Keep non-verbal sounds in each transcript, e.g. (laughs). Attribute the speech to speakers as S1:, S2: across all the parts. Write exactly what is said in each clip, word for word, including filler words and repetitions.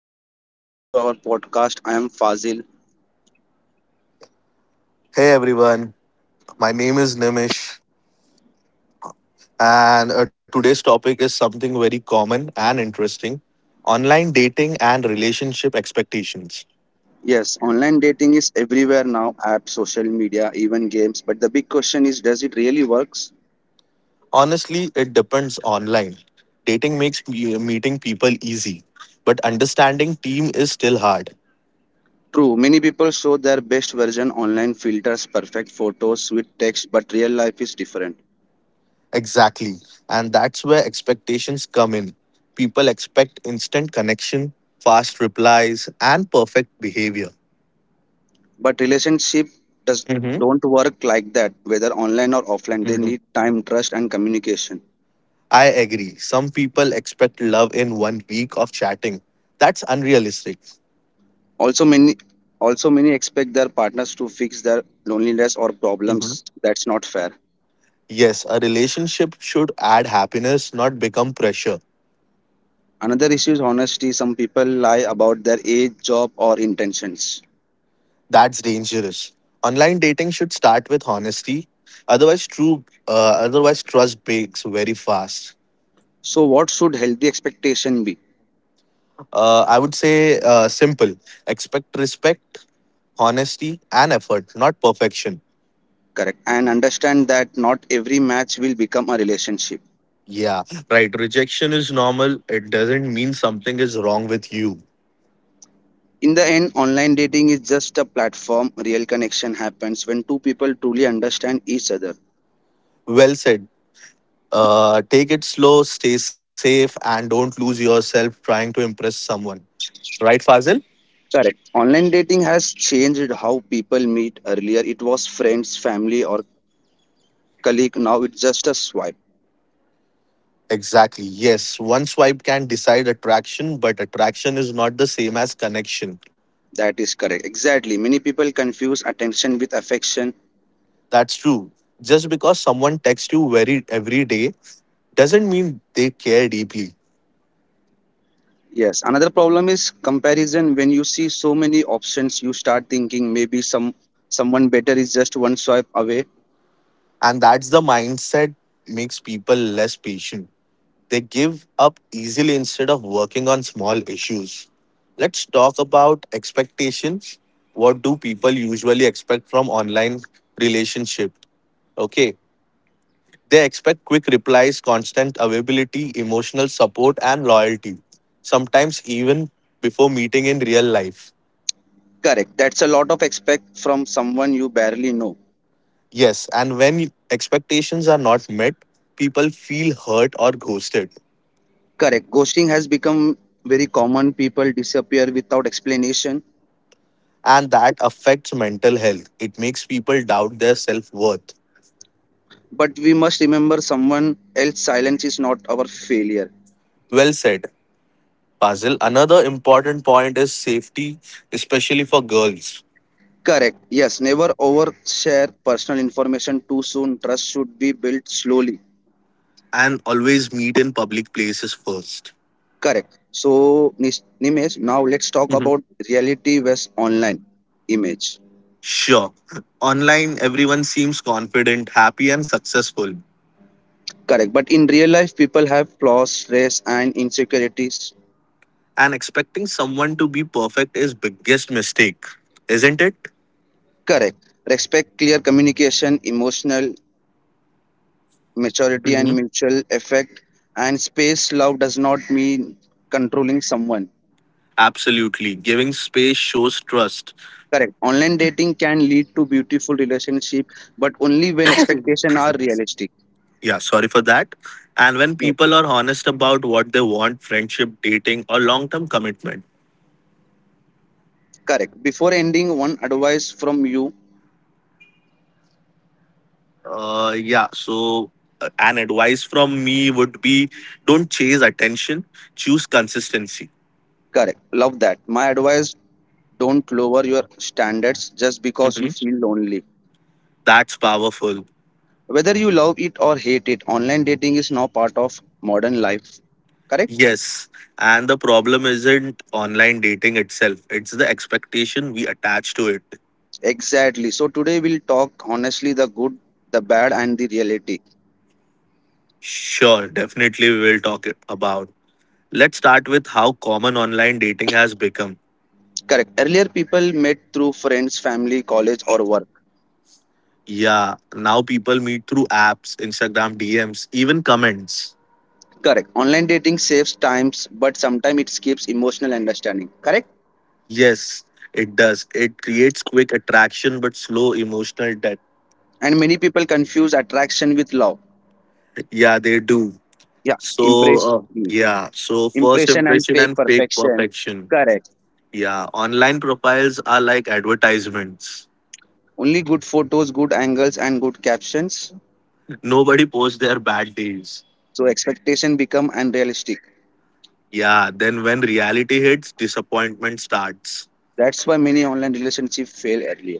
S1: Everyone, welcome back to our podcast. I am Fazil.
S2: Hey everyone, my name is Nimish, and uh, today's topic is something very common and interesting, online dating and relationship expectations.
S1: Yes, online dating is everywhere now, apps, social media, even games. But the big question is, does it really works?
S2: Honestly, it depends online. Dating makes me- uh, meeting people easy, but understanding team is still hard.
S1: True, many people show their best version online, filters, perfect photos, sweet text, but real life is different.
S2: Exactly, and that's where expectations come in. People expect instant connection, fast replies, and perfect behavior.
S1: But relationship does
S2: Mm-hmm.
S1: don't work like that, whether online or offline. They need time, trust, and communication.
S2: I agree. Some people expect love in one week of chatting. That's unrealistic.
S1: Also many also many expect their partners to fix their loneliness or
S2: Mhm.
S1: problems. That's not fair.
S2: Yes, a relationship should add happiness, not become pressure.
S1: Another issue is honesty. Some people lie about their age, job, or intentions.
S2: That's dangerous. Online dating should start with honesty. Otherwise, true. Uh, otherwise, trust breaks very fast.
S1: So, what should healthy expectation be?
S2: Uh, I would say uh, simple. Expect respect, honesty, and effort, not perfection.
S1: Correct. And understand that not every match will become a relationship.
S2: Yeah, right. Rejection is normal. It doesn't mean something is wrong with you.
S1: In the end, online dating is just a platform. Real connection happens when two people truly understand each other.
S2: Well said. Uh, take it slow, stay safe, and don't lose yourself trying to impress someone. Right, Fazil?
S1: Correct. Online dating has changed how people meet. Earlier, it was friends, family, or colleague. Now, it's just a swipe.
S2: Exactly. Yes. One swipe can decide attraction, but attraction is not the same as connection.
S1: That is correct. Exactly. Many people confuse attention with affection.
S2: That's true. Just because someone texts you very every day doesn't mean they care deeply.
S1: Yes, another problem is comparison. When you see so many options, you start thinking maybe some someone better is just one swipe away.
S2: And that's the mindset makes people less patient. They give up easily instead of working on small issues. Let's talk about expectations. What do people usually expect from online relationship? Okay, they expect quick replies, constant availability, emotional support, and loyalty. Sometimes even before meeting in real life.
S1: Correct. That's a lot of expect from someone you barely know.
S2: Yes, and when expectations are not met, people feel hurt or ghosted,
S1: Correct. Ghosting has become very common. People disappear without explanation.
S2: and that affects mental health. It makes people doubt their self worth.
S1: But we must remember someone else's silence is not our failure.
S2: Well said, Fazil. Another important point is safety, especially for girls,
S1: Correct. Yes, never overshare personal information too soon. Trust should be built slowly.
S2: and always meet in public places first.
S1: Correct. So, Nis- Nimesh, now let's talk
S2: Mhm.
S1: about reality versus online image.
S2: Sure, online everyone seems confident, happy, and successful,
S1: Correct. But in real life, people have flaws, stress, and insecurities.
S2: and expecting someone to be perfect is biggest mistake, isn't it?
S1: Correct. Respect, clear communication, emotional maturity,
S2: Mhm.
S1: and mutual effect. And space love does not mean controlling someone.
S2: Absolutely. Giving space shows trust.
S1: Correct. Online dating can lead to beautiful relationship, but only when expectations are realistic.
S2: Yeah, sorry for that. And when
S1: No.
S2: people are honest about what they want, friendship, dating, or long term commitment.
S1: Correct. Before ending, one advice from you.
S2: Uh, yeah. So, uh, an advice from me would be, don't chase attention, choose consistency.
S1: Correct. Love that. My advice, don't lower your standards just because you
S2: Mhm.
S1: feel lonely.
S2: That's powerful.
S1: Whether you love it or hate it, online dating is now part of modern life. Correct?
S2: Yes. And the problem isn't online dating itself, it's the expectation we attach to it.
S1: Exactly. So today we'll talk honestly, the good, the bad, and the reality.
S2: Sure, definitely we will talk about. Let's start with how common online dating has become.
S1: Correct. Earlier people met through friends, family, college, or work.
S2: Yeah, now people meet through apps, Instagram D Ms, even comments.
S1: Correct. Online dating saves times, but sometimes it skips emotional understanding. Correct?
S2: Yes, it does. It creates quick attraction but slow emotional depth.
S1: And many people confuse attraction with love.
S2: Yeah, they do.
S1: Yeah.
S2: So,
S1: Impress,
S2: uh, yeah, so first
S1: impression and
S2: impression
S1: fake
S2: and fake
S1: perfection.
S2: perfection.
S1: Correct.
S2: Yeah, online profiles are like advertisements.
S1: Only good photos, good angles, and good captions.
S2: Nobody posts their bad days.
S1: So expectation become unrealistic.
S2: Yeah, then when reality hits, disappointment starts.
S1: That's why many online relationship fail earlier.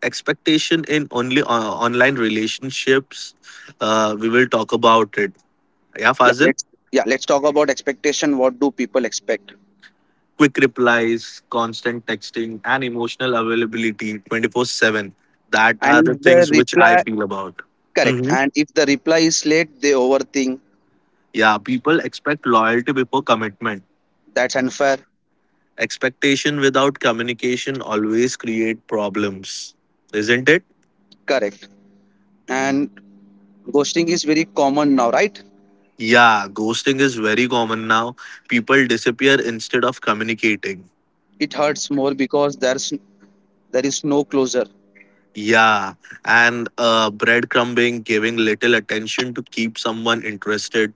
S2: Expectation in only uh, online relationships. Uh, we will talk about it. Yeah,
S1: Yeah,
S2: Fazil?
S1: let's yeah let's talk about expectation. What do people expect?
S2: Quick replies, constant texting, and emotional availability twenty four seven. That are
S1: And
S2: the
S1: if the
S2: things which I
S1: reply
S2: feel about.
S1: correct,
S2: Hmm.
S1: and if the reply is late, they overthink.
S2: Yeah, people expect loyalty before commitment.
S1: That's unfair.
S2: Expectation without communication always create problems, isn't it?
S1: Correct. And ghosting is very common now, right?
S2: Yeah, ghosting is very common now. People disappear instead of communicating.
S1: It hurts more because there's there is no closure.
S2: Yeah, and uh, breadcrumbing, giving little attention to keep someone interested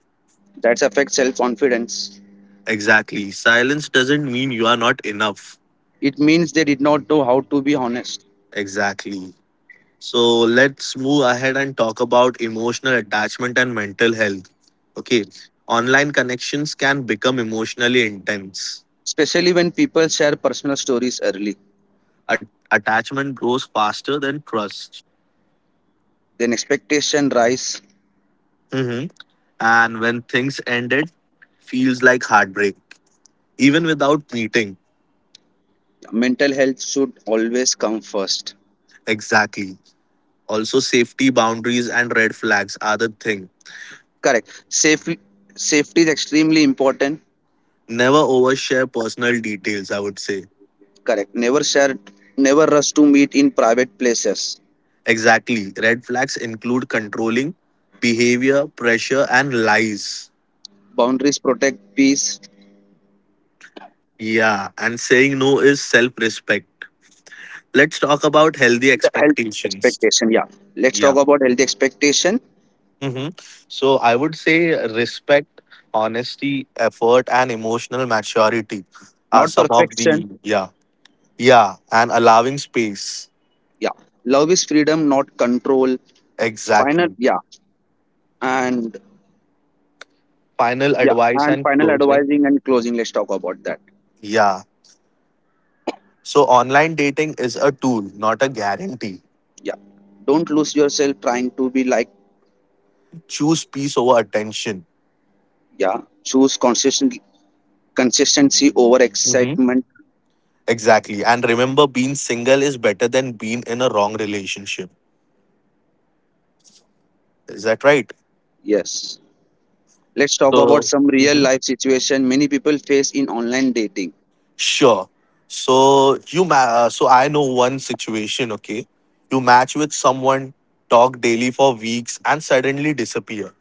S1: That affects self confidence.
S2: Exactly. Silence doesn't mean you are not enough.
S1: It means they did not know how to be honest.
S2: Exactly. So let's move ahead and talk about emotional attachment and mental health. Okay. Online connections can become emotionally intense.
S1: Especially when people share personal stories early,
S2: At- attachment grows faster than trust.
S1: then expectation rise.
S2: Mhm. And when things ended, feels like heartbreak, even without meeting.
S1: Mental health should always come first.
S2: Exactly. Also, safety boundaries and red flags are the thing.
S1: Correct. Safety safety is extremely important.
S2: Never overshare personal details, I would say.
S1: Correct. Never share, never rush to meet in private places.
S2: Exactly. Red flags include controlling behavior, pressure, and lies.
S1: Boundaries protect peace.
S2: Yeah, and saying no is self respect. Let's talk about healthy
S1: The health
S2: expectations.
S1: expectation yeah Let's talk
S2: Yeah.
S1: about healthy expectation,
S2: hmm So I would say respect, honesty, effort, and emotional maturity are
S1: not
S2: some of the,
S1: perfection.
S2: yeah. Yeah, and allowing space.
S1: Yeah, love is freedom, not control. Final
S2: Exactly.
S1: yeah and
S2: Final
S1: yeah
S2: advice
S1: and
S2: and
S1: final
S2: closing.
S1: advising and closing, let's talk about that.
S2: Yeah. So online dating is a tool, not a guarantee.
S1: Yeah, don't lose yourself trying to be like,
S2: Choose peace over attention.
S1: yeah, choose consistent consistency over
S2: Hmm.
S1: excitement.
S2: Exactly. And remember, being single is better than being in a wrong relationship. Is that right?
S1: Yes, let's talk about
S2: So,
S1: some real
S2: hmm.
S1: life situation many people face in online dating.
S2: Sure. So you ma- uh, so I know one situation, okay? You match with someone, talk daily for weeks and suddenly disappear.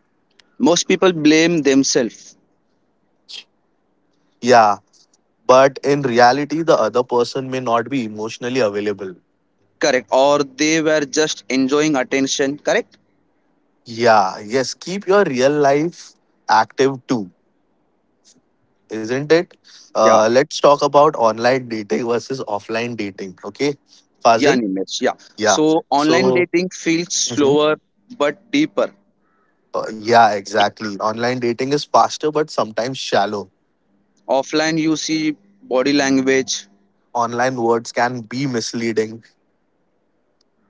S1: Most people blame themselves.
S2: Yeah, but in reality the other person may not be emotionally available.
S1: Correct. Or they were just enjoying attention. Correct.
S2: Yeah, yes, keep your real life active too, isn't it?
S1: yeah
S2: Uh, let's talk about online dating versus offline dating. Okay,
S1: yeah
S2: Fazil.
S1: Nimesh. Yeah,
S2: Yeah.
S1: so online
S2: So,
S1: dating feels
S2: mhm.
S1: slower but deeper.
S2: uh, yeah, exactly. Online dating is faster, but sometimes shallow.
S1: Offline you see body language.
S2: Online words can be misleading.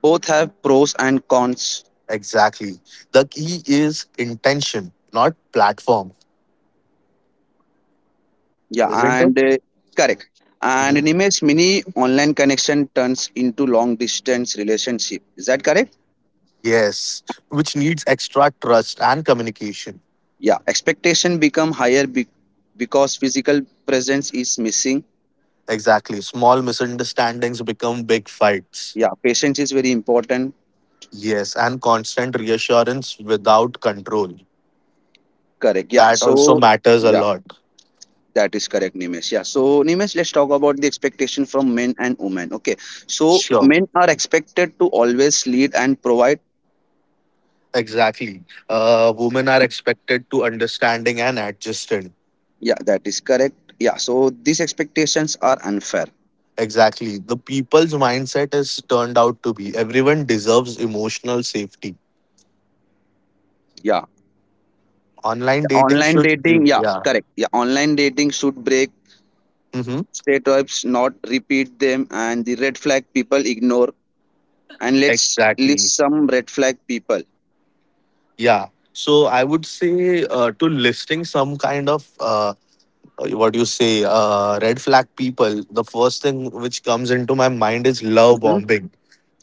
S1: Both have pros and cons.
S2: Exactly. The key is intention, not platform,
S1: Yeah,
S2: isn't it?
S1: and uh, correct.
S2: Mhm.
S1: And Nimesh, mini online connection turns into long distance relationship. Is that correct?
S2: Yes, which needs extra trust and communication.
S1: Yeah, expectation become higher be- because physical presence is missing.
S2: Exactly. Small misunderstandings become big fights.
S1: Yeah, patience is very important.
S2: Yes, and constant reassurance without control.
S1: Correct. Yeah.
S2: That also
S1: So,
S2: matters a
S1: yeah,
S2: lot.
S1: that is correct, Nimesh. Yeah. So Nimesh, let's talk about the expectation from men and women. Okay. So
S2: Sure.
S1: men are expected to always lead and provide.
S2: Exactly. Uh, women are expected to understanding and adjusted.
S1: Yeah, that is correct. Yeah. So these expectations are unfair.
S2: Exactly. The people's mindset has turned out to be everyone deserves emotional safety.
S1: Yeah.
S2: Online dating
S1: Online
S2: should,
S1: dating, yeah,
S2: yeah.
S1: correct. Yeah, online dating should break
S2: Mm-hmm.
S1: stereotypes, not repeat them. And the red flag people ignore. And let's
S2: Exactly.
S1: list some red flag people.
S2: Yeah. So I would say uh, to listing some kind of uh, uh, what do you say, uh, red flag people, the first thing which comes into my mind is love
S1: Hmm.
S2: bombing.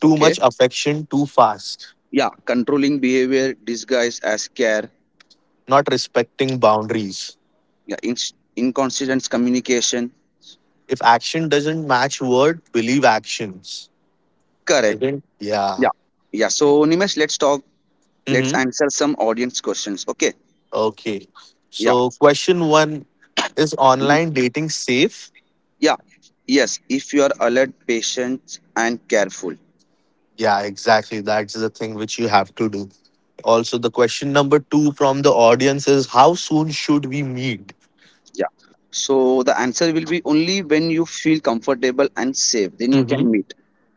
S2: Too
S1: Okay.
S2: much affection, too fast,
S1: Yeah, controlling behavior disguised as care.
S2: not respecting boundaries.
S1: Yeah, in inconsistent communication.
S2: If action doesn't match word, believe actions.
S1: Correct.
S2: Again? Yeah.
S1: Yeah. Yeah. So, Nimesh, let's talk. Let's
S2: Mm-hmm.
S1: answer some audience questions. Okay.
S2: Okay.
S1: Yeah.
S2: So, question one is
S1: Hmm.
S2: online dating safe?
S1: Yeah. Yes. If you are alert, patient, and careful.
S2: Yeah, exactly. That's the thing which you have to do. Also, the question number two from the audience is, how soon should we meet?
S1: Yeah. So the answer will be only when you feel comfortable and safe, then you can meet.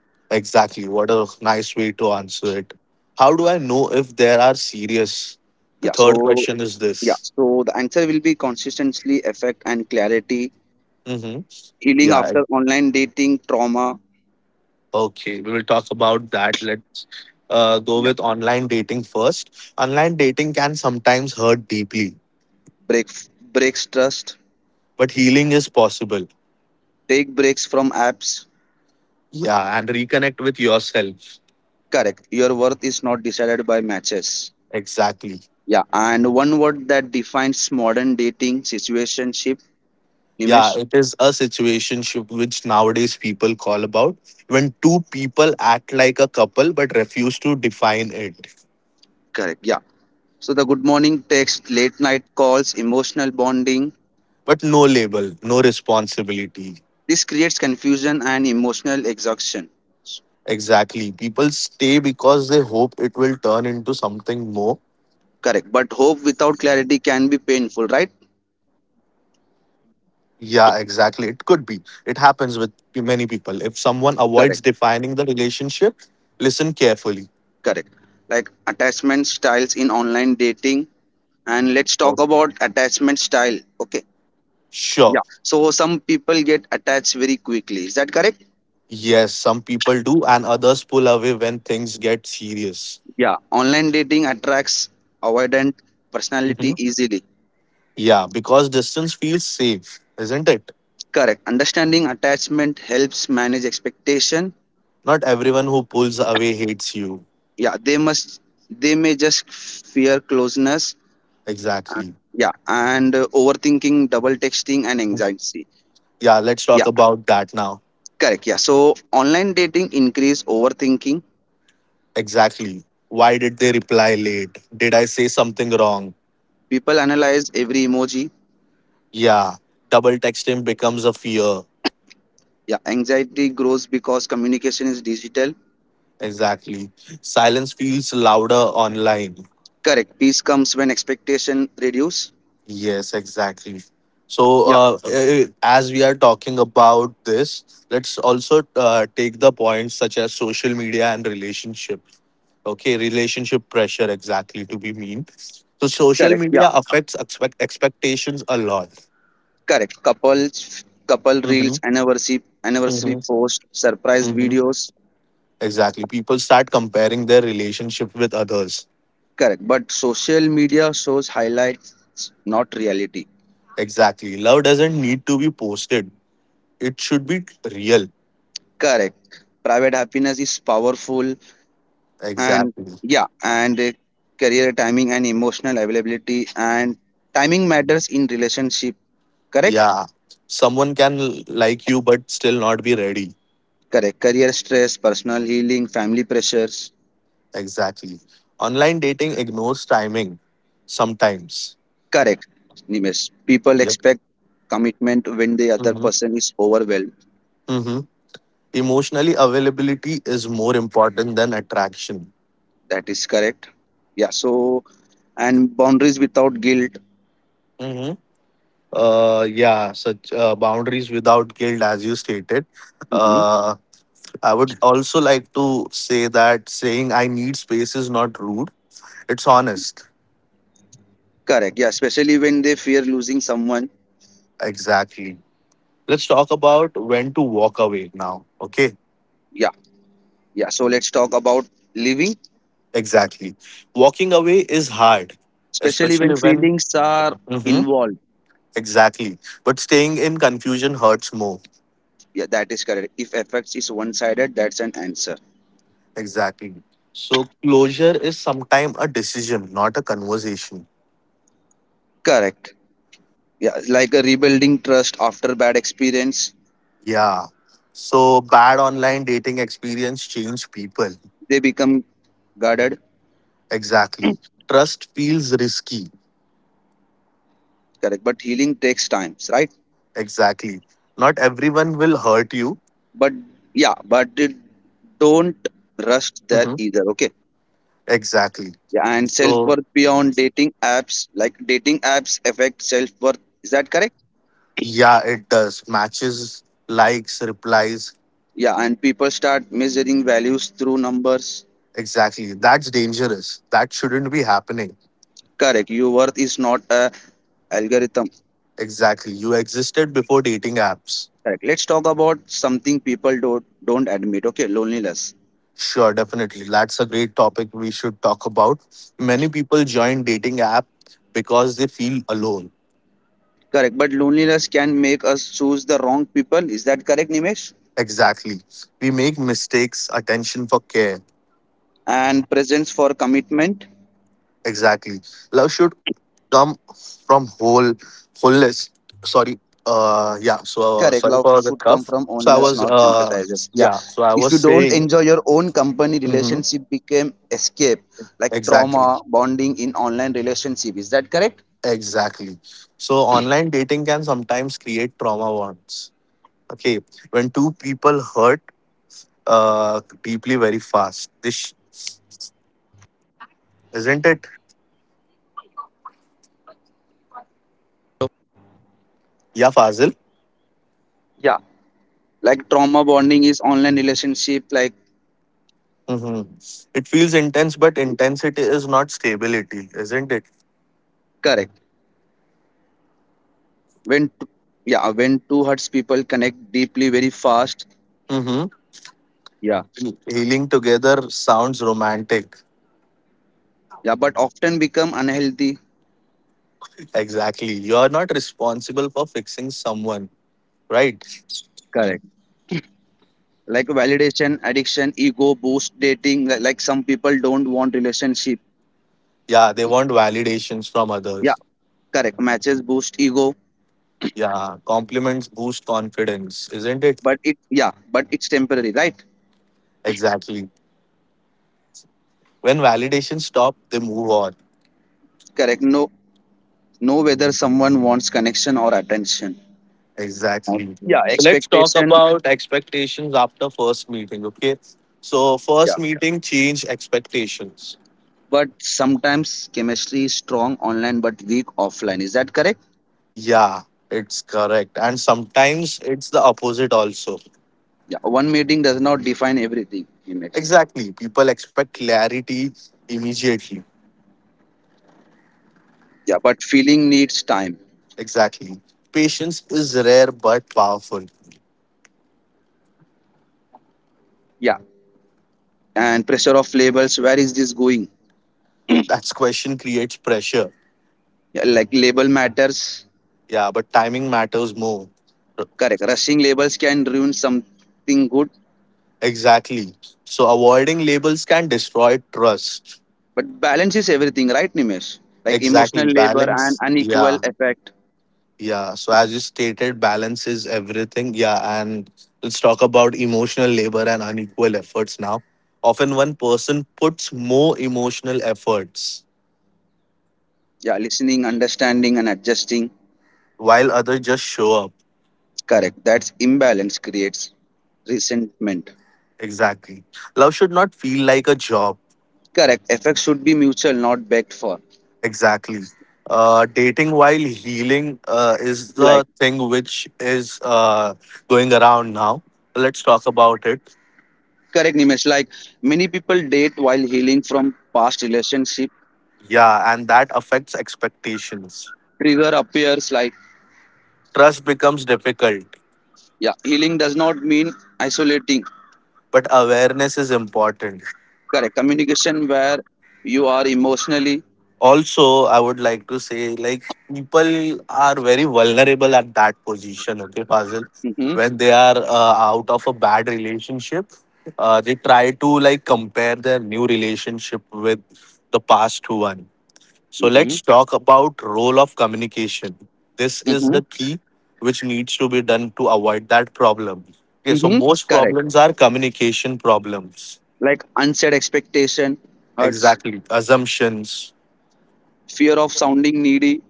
S2: Exactly. What a nice way to answer it. How do I know if they are serious? The
S1: Yeah.
S2: third
S1: So
S2: question is
S1: yeah.
S2: this.
S1: So the answer will be consistency, effect, and clarity.
S2: Hmm.
S1: Healing
S2: Yeah. I-
S1: after online dating trauma.
S2: Okay. We will talk about that. Let's uh, go
S1: Yeah.
S2: with online dating first. Online dating can sometimes hurt deeply,
S1: Break breaks trust.
S2: but healing is possible.
S1: Take breaks from apps.
S2: Yeah. And reconnect with yourself.
S1: Correct. Your worth is not decided by matches.
S2: Exactly.
S1: Yeah. And one word that defines modern dating situationship,
S2: Yeah.
S1: Nimesh.
S2: It is a situationship which nowadays people call about, when two people act like a couple but refuse to define it,
S1: Correct. Yeah. So the good morning text, late night calls, emotional bonding.
S2: but no label, no responsibility.
S1: This creates confusion and emotional exhaustion. S-
S2: Exactly. People stay because they hope it will turn into something more.
S1: Correct. But hope without clarity can be painful, right?
S2: Yeah, exactly. It could be. It happens with p- many people. If someone avoids
S1: Correct.
S2: defining the relationship, listen carefully.
S1: Correct. Like attachment styles in online dating. And
S2: Oh,
S1: let's talk about attachment style. Okay.
S2: sure.
S1: Yeah. So some people get attached very quickly. Is that correct?
S2: Yes, some people do, and others pull away when things get serious.
S1: Yeah. Online dating attracts avoidant
S2: Mhm.
S1: personality easily.
S2: Yeah, because distance feels safe, isn't it?
S1: Correct. Understanding attachment helps manage expectation.
S2: Not everyone who pulls away hates you.
S1: Yeah. They must. They may just fear closeness. Uh,
S2: Exactly.
S1: yeah and uh, overthinking, double texting and
S2: Mhm.
S1: anxiety.
S2: Yeah, let's
S1: Yeah,
S2: talk about that now.
S1: correct. Yeah, so online dating increase overthinking.
S2: Exactly. Why did they reply late? Did I say something wrong?
S1: People analyze every emoji.
S2: Yeah. Double texting becomes a fear.
S1: Yeah, anxiety grows because communication is digital.
S2: Exactly. Silence feels louder online.
S1: Correct. Peace comes when expectation reduce.
S2: Yes, exactly. So, uh, eh, eh, as we are talking about this, let's also uh, take the points such as social media and relationship. Okay, relationship pressure, exactly to be mean. So, social
S1: Yeah,
S2: media affects expect- expectations a lot.
S1: correct. Couples, couple reels
S2: Mm-hmm.
S1: anniversary anniversary
S2: Mm-hmm.
S1: post, surprise
S2: Mm-hmm.
S1: videos.
S2: Exactly. People start comparing their relationship with others.
S1: Correct, but social media shows highlights, not reality.
S2: Exactly. Love doesn't need to be posted, it should be real.
S1: Correct, private happiness is powerful. And
S2: Exactly.
S1: yeah and uh, career, timing and emotional availability, and timing matters in relationship. Correct.
S2: Yeah. Someone can l- like you but still not be ready.
S1: Correct, career stress, personal healing, family pressures.
S2: Exactly. Online dating ignores timing sometimes.
S1: Correct. Nimesh, people
S2: Yep.
S1: expect commitment when the other
S2: Mm-hmm.
S1: person is overwhelmed.
S2: Mm-hmm. Emotionally, availability is more important than attraction.
S1: That is correct. Yeah. So and boundaries without guilt.
S2: Mm-hmm. Uh, yeah, such uh, boundaries without guilt, as you stated.
S1: Mhm.
S2: Uh, I would also like to say that saying I need space is not rude, it's honest.
S1: Correct. Yeah, especially when they fear losing someone.
S2: Exactly. Let's talk about when to walk away now. Okay,
S1: Yeah. Yeah, so let's talk about living,
S2: exactly. Walking away is hard,
S1: especially when
S2: especially when.
S1: feelings are
S2: Hmm.
S1: involved.
S2: Exactly. But staying in confusion hurts more.
S1: Yeah, that is correct. If effects is one-sided, that's an answer.
S2: Exactly. So closure is sometimes a decision, not a conversation.
S1: Correct. Yeah, like a rebuilding trust after bad experience,
S2: Yeah. So bad online dating experience change people.
S1: they become guarded.
S2: Exactly. Trust feels risky
S1: Correct. But healing takes times, right?
S2: Exactly. Not everyone will hurt you.
S1: But yeah, but it don't rush there
S2: Mhm.
S1: either. Okay.
S2: Exactly.
S1: Yeah. And
S2: So
S1: self-worth beyond dating apps, like dating apps affect self-worth. Is that correct?
S2: yeah, it does. Matches, likes, replies.
S1: Yeah. And people start measuring values through numbers.
S2: Exactly. That's dangerous. That shouldn't be happening.
S1: Correct. Your worth is not a algorithm.
S2: Exactly. You existed before dating apps.
S1: Correct. Let's talk about something people don't don't admit. Okay, loneliness.
S2: Sure, definitely. That's a great topic we should talk about. Many people join dating app because they feel alone.
S1: Correct. But loneliness can make us choose the wrong people. Is that correct, Nimesh?
S2: Exactly. We make mistakes, attention for care.
S1: And presence for commitment.
S2: Exactly. Love should come from whole fullness. Sorry. Uh yeah. So uh, sorry for the cough. So I was uh yeah. So I was saying. Mhm. Exactly. Exactly. So online dating can sometimes create trauma bonds. Okay. When two people hurt uh deeply very fast. This, isn't it? Yeah, Fazil.
S1: Yeah, like trauma bonding is online relationship, like,
S2: hmm It feels intense, but intensity is not stability, isn't it?
S1: correct. when t- yeah, when two hearts people connect deeply very fast.
S2: Mm-hmm.
S1: Yeah,
S2: Healing together sounds romantic.
S1: yeah, but often become unhealthy.
S2: Exactly. You're not responsible for fixing someone, right?
S1: Correct. Like validation addiction, ego boost dating, li- like some people don't want relationship.
S2: Yeah, they want validations from
S1: Yeah,
S2: others.
S1: correct, matches boost ego.
S2: Yeah, compliments boost confidence, isn't it?
S1: But it yeah, but it's temporary, right?
S2: Exactly. When validations stop, they move on.
S1: Correct. No know whether someone wants connection or attention. Uh,
S2: Exactly.
S1: yeah,
S2: So let's talk
S1: expectation,
S2: about expectations after first meeting, okay? So,
S1: yeah,
S2: first meeting change expectations.
S1: but sometimes chemistry is strong online but weak offline. Is that correct?
S2: Yeah, it's correct. And sometimes it's the opposite also
S1: Yeah, one meeting does not define everything. Image.
S2: Exactly. People expect clarity immediately.
S1: Yeah, but feeling needs time.
S2: Exactly. Patience is rare but powerful.
S1: Yeah, and pressure of labels. Where is this going?
S2: That's question creates pressure.
S1: Yeah, like label matters.
S2: Yeah, but timing matters more.
S1: Correct. Rushing labels can ruin something good,
S2: Exactly. So avoiding labels can destroy trust.
S1: but balance is everything, right, Nimesh? Like
S2: Exactly.
S1: emotional labor and
S2: Balance.
S1: unequal
S2: Yeah.
S1: effect.
S2: Yeah. So as you stated, balance is everything. Yeah. And let's talk about emotional labor and unequal efforts now. Often one person puts more emotional efforts
S1: Yeah, listening, understanding, and adjusting.
S2: while others just show up.
S1: Correct. That's imbalance creates resentment.
S2: Exactly. Love should not feel like a job.
S1: Correct. Effects should be mutual, not begged for.
S2: Exactly. Uh, dating while healing uh, is
S1: Like,
S2: the thing which is uh, going around now. Let's talk about it.
S1: correct, Nimesh. Like, many people date while healing from past relationship.
S2: Yeah, and that affects expectations.
S1: Trigger appears like,
S2: Trust becomes difficult,
S1: yeah, healing does not mean isolating.
S2: but awareness is important.
S1: Correct. Communication where you are emotionally.
S2: Also, I would like to say, like, people are very vulnerable at that position, okay, Fazil?
S1: Mm-hmm,
S2: When they are uh, out of a bad relationship, uh, they try to, like, compare their new relationship with the past one. So
S1: mm-hmm,
S2: let's talk about role of communication. This is
S1: mm-hmm,
S2: the key which needs to be done to avoid that problem. Okay, so
S1: mm-hmm.
S2: most
S1: Correct.
S2: problems are communication problems.
S1: Like, unsaid expectation hurts.
S2: Exactly, assumptions.
S1: Fear of sounding needy.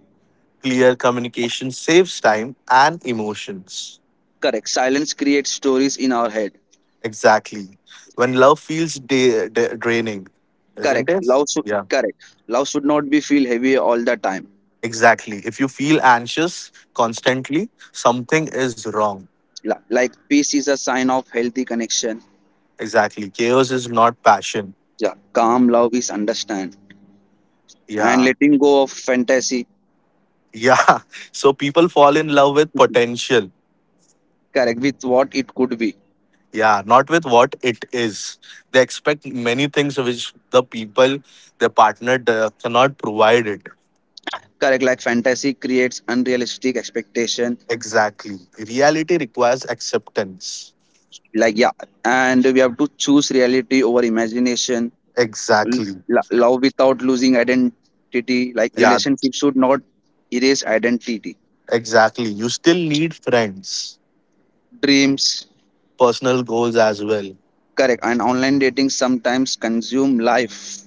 S2: Clear communication saves time and emotions.
S1: Correct. Silence creates stories in our head.
S2: Exactly. When love feels da- da- draining, isn't
S1: Correct.
S2: it?
S1: Love
S2: Yeah.
S1: should correct. Love should not be feel heavy all the time.
S2: Exactly. If you feel anxious constantly, something is wrong.
S1: La- Like peace is a sign of healthy connection.
S2: Exactly. Chaos is not passion.
S1: Yeah, calm love is understand and
S2: Yeah.
S1: letting go of fantasy.
S2: Yeah. (laughs) So people fall in love with potential.
S1: Correct, with what it could be.
S2: Yeah, not with what it is. They expect many things which the people, their partner, uh, cannot provide it.
S1: Correct, like fantasy creates unrealistic expectation.
S2: Exactly. Reality requires acceptance.
S1: Like yeah, and we have to choose reality over imagination. L-
S2: Exactly.
S1: lo- love without losing identity. Like
S2: Yeah,
S1: relationship should not erase identity.
S2: exactly. You still need friends,
S1: Dreams.
S2: personal goals as well.
S1: Correct, and online dating sometimes consume life.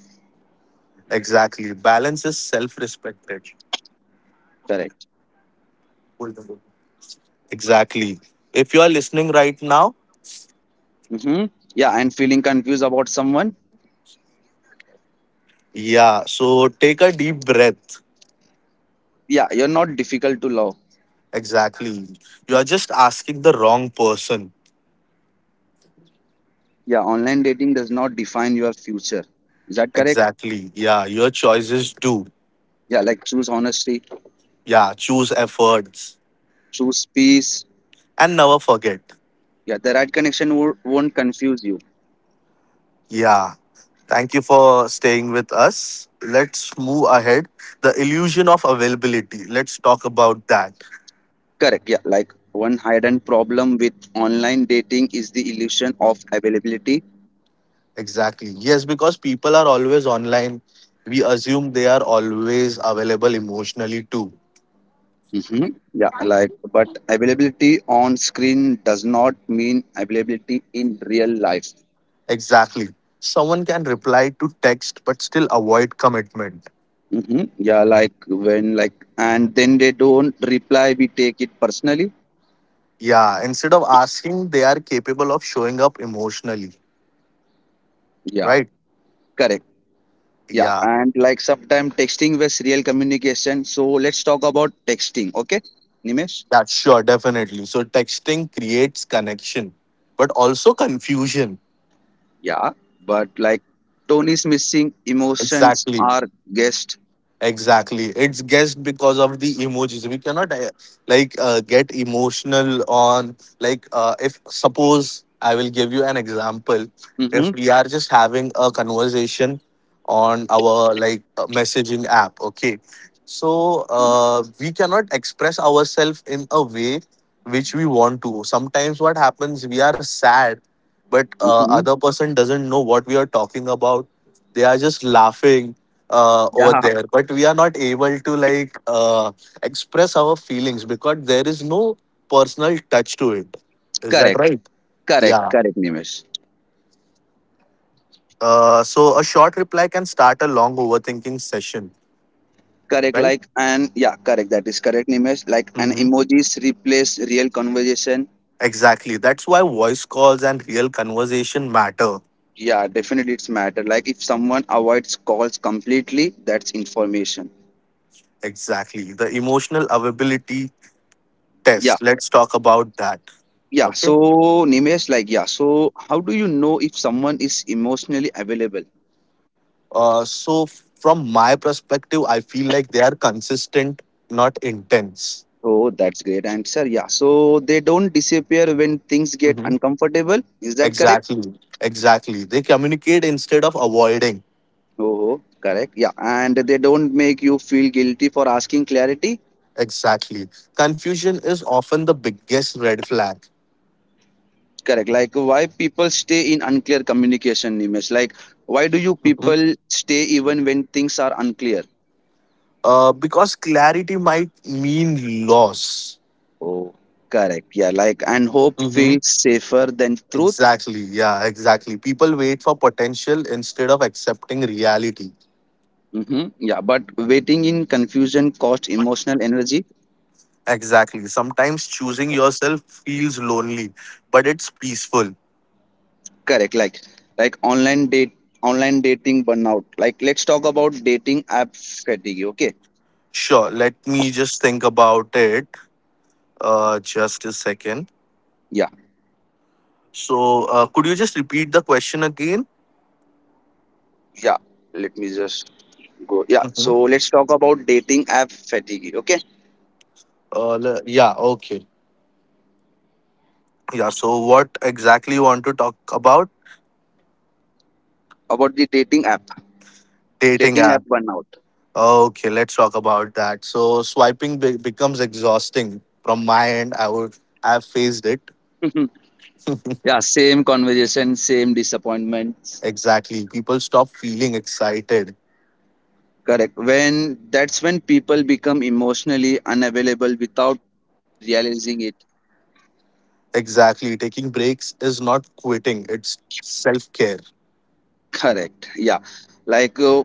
S2: Exactly. Balance is self respected.
S1: Correct.
S2: Exactly. If you are listening right now,
S1: Mm-hmm. Yeah, and feeling confused about someone,
S2: yeah, so take a deep breath.
S1: yeah, you're not difficult to love.
S2: Exactly. You are just asking the wrong person.
S1: Yeah, online dating does not define your future. Is that correct?
S2: Exactly. Yeah, your choices do.
S1: Yeah, like choose honesty,
S2: Yeah, choose efforts
S1: choose peace.
S2: and never forget.
S1: Yeah, the right connection wo- won't confuse you.
S2: Yeah. Thank you for staying with us. Let's move ahead. The illusion of availability. Let's talk about that.
S1: Correct. Yeah, like one hidden problem with online dating is the illusion of availability.
S2: Exactly. Yes, because people are always online. We assume they are always available emotionally too.
S1: Hmm. Yeah, like, but availability on screen does not mean availability in real life.
S2: Exactly. Someone can reply to text but still avoid commitment.
S1: Hmm. Yeah, like when, like and then they don't reply, we take it personally.
S2: Yeah. Instead of asking, they are capable of showing up emotionally.
S1: Yeah,
S2: Right?
S1: correct. Yeah,
S2: Yeah.
S1: and like sometimes texting was real communication. So let's talk about texting, okay, Nimesh?
S2: That's sure. Definitely. So texting creates connection but also confusion.
S1: Yeah, but like tone is missing, emotions
S2: Exactly.
S1: are guessed.
S2: Exactly. It's guessed because of the emojis. We cannot, uh, like, uh, get emotional on, like, uh, if suppose I will give you an example.
S1: Mm-hmm.
S2: If we are just having a conversation on our, like, uh, messaging app, okay. So, uh, we cannot express ourselves in a way which we want to. Sometimes what happens, we are sad, but uh,
S1: Mm-hmm.
S2: other person doesn't know what we are talking about. They are just laughing uh, over
S1: Yeah,
S2: there, but we are not able to, like, uh, express our feelings because there is no personal touch to it. Is that
S1: correct,
S2: right?
S1: correct,
S2: Yeah.
S1: correct, Nimesh.
S2: Uh, so a short reply can start a long overthinking session.
S1: Correct,
S2: Right.
S1: like and yeah, correct. That is correct, Nimesh. Like an
S2: Hmm.
S1: emojis replace real conversation.
S2: Exactly, that's why voice calls and real conversation matter.
S1: Yeah, definitely it's matter. Like if someone avoids calls completely, that's information.
S2: Exactly, the emotional availability
S1: Yeah.
S2: test. Let's talk about that.
S1: Yeah,
S2: Okay.
S1: so Nimesh, like, yeah, so how do you know if someone is emotionally available?
S2: Uh, so from my perspective, I feel like they are consistent, not intense.
S1: Oh, that's great answer. Yeah, so they don't disappear when things get uncomfortable. Is that correct?
S2: Exactly. Exactly. They communicate instead of avoiding.
S1: Oh, correct. Yeah, and they don't make you feel guilty for asking clarity.
S2: Exactly. Confusion is often the biggest red flag.
S1: Correct. Like, why people stay in unclear communication, Nimesh? Like, why do you
S2: Mhm.
S1: people stay even when things are unclear?
S2: Uh, because clarity might mean loss.
S1: Oh, correct. Yeah, like, and hope
S2: Mhm.
S1: feels safer than truth.
S2: Exactly. Yeah, exactly. People wait for potential instead of accepting reality.
S1: Hmm. Yeah, but waiting in confusion costs emotional energy.
S2: Exactly. Sometimes choosing yourself feels lonely, but it's peaceful.
S1: Correct. Like like online date online dating burnout. Like let's talk about dating app fatigue. Okay.
S2: Sure. Let me just think about it. Uh, just a second.
S1: Yeah.
S2: So, uh, could you just repeat the question again?
S1: Yeah. Let me just go. Yeah.
S2: Mhm.
S1: So let's talk about dating app fatigue. Okay.
S2: Uh, le- yeah, okay. Yeah, so what exactly you want to talk about?
S1: About the dating app.
S2: Dating
S1: Dating app
S2: app.
S1: burnout.
S2: Okay, let's talk about that. So swiping be- becomes exhausting from my end. I would I've faced it.
S1: (laughs) Yeah. Same conversation. Same disappointments.
S2: Exactly. People stop feeling excited.
S1: Correct. When that's when people become emotionally unavailable without realizing it.
S2: Exactly. Taking breaks is not quitting, it's self-care.
S1: Correct. Yeah. Like, uh,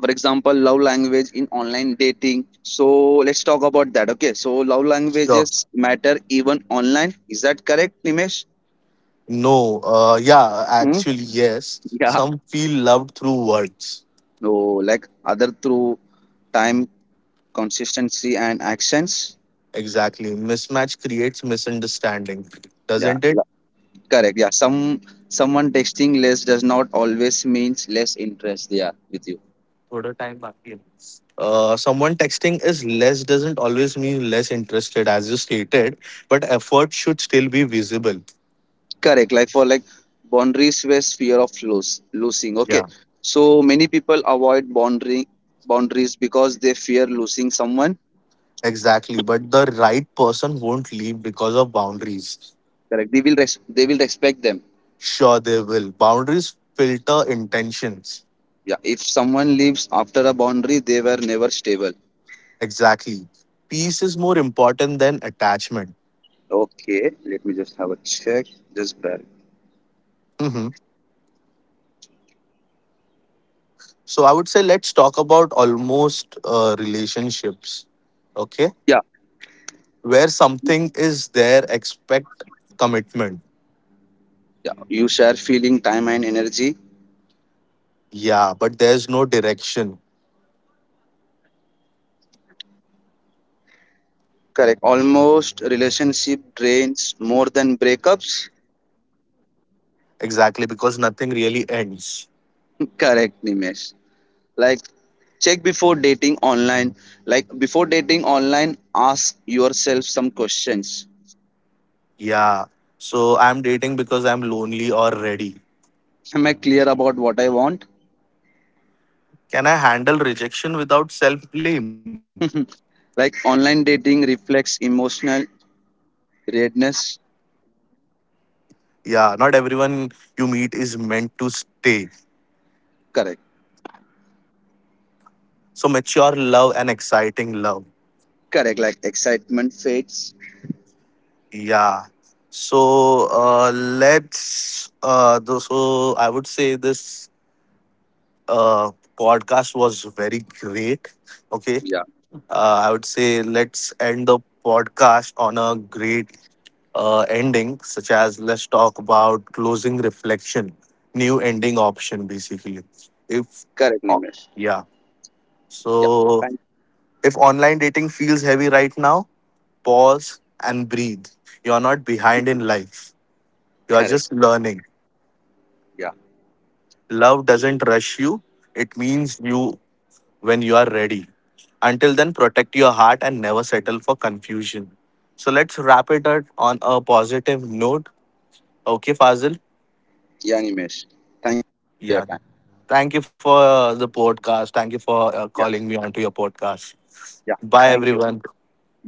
S1: for example, love language in online dating. So, let's talk about that. Okay. So, love
S2: Sure.
S1: languages matter even online. Is that correct, Nimesh?
S2: No. Uh yeah,
S1: Hmm?
S2: actually yes.
S1: Yeah.
S2: Some feel loved through words.
S1: No, like other through time, consistency, and actions.
S2: Exactly. Mismatch creates misunderstanding,
S1: Yeah.
S2: doesn't it?
S1: la- Correct. Yeah. Some someone texting less does not always means less interest. Yeah, with you.
S2: थोडं time बाकी आहे. Uh, someone texting is less doesn't always mean less interested, as you stated, but effort should still be visible.
S1: Correct. Like for like boundaries was fear of lose, losing. Okay.
S2: Yeah,
S1: So many people avoid boundary boundaries because they fear losing someone.
S2: exactly. But the right person won't leave because of boundaries.
S1: Correct. They will res- they will respect them.
S2: Sure, they will. Boundaries filter intentions.
S1: Yeah. If someone leaves after a boundary, they were never stable.
S2: Exactly. Peace is more important than attachment.
S1: Okay. Let me just have a check. Just bear.
S2: Hmm. So I would say let's talk about almost uh, relationships. Okay,
S1: Yeah.
S2: where something is there, expect commitment.
S1: Yeah. You share feeling, time, and energy.
S2: Yeah, but there's no direction.
S1: Correct. Almost relationship drains more than breakups.
S2: Exactly, because nothing really ends.
S1: (laughs) Correct, Nimesh. Like check before dating online, like before dating online ask yourself some questions.
S2: Yeah. So I'm dating because I'm lonely or ready.
S1: Am I clear about what I want?
S2: Can I handle rejection without self blame?
S1: (laughs) Like online dating reflects emotional readiness.
S2: Yeah, not everyone you meet is meant to stay.
S1: Correct.
S2: So mature love and exciting love.
S1: Correct, like excitement fades.
S2: Yeah. So uh, let's. Uh, th- so I would say this uh, podcast was very great. Okay.
S1: Yeah,
S2: Uh, I would say let's end the podcast on a great uh, ending, such as let's talk about closing reflection, new ending option, basically. If,
S1: correct,
S2: oh,
S1: Nimesh.
S2: yeah.
S1: Yeah, thank,
S2: So, if online dating feels heavy right now, pause and breathe. You are not behind in life, you are
S1: correct.
S2: just learning.
S1: Yeah.
S2: Love doesn't rush you, it means you when you are ready. Until then, protect your heart and never settle for confusion. So let's wrap it up on a positive note. Okay, Fazil?
S1: Yeah, Nimesh, thank you for your
S2: Yeah.
S1: time.
S2: Thank you for uh, the podcast. Thank you for
S1: Yeah,
S2: uh, calling me onto your podcast. Bye, everyone.
S1: bye.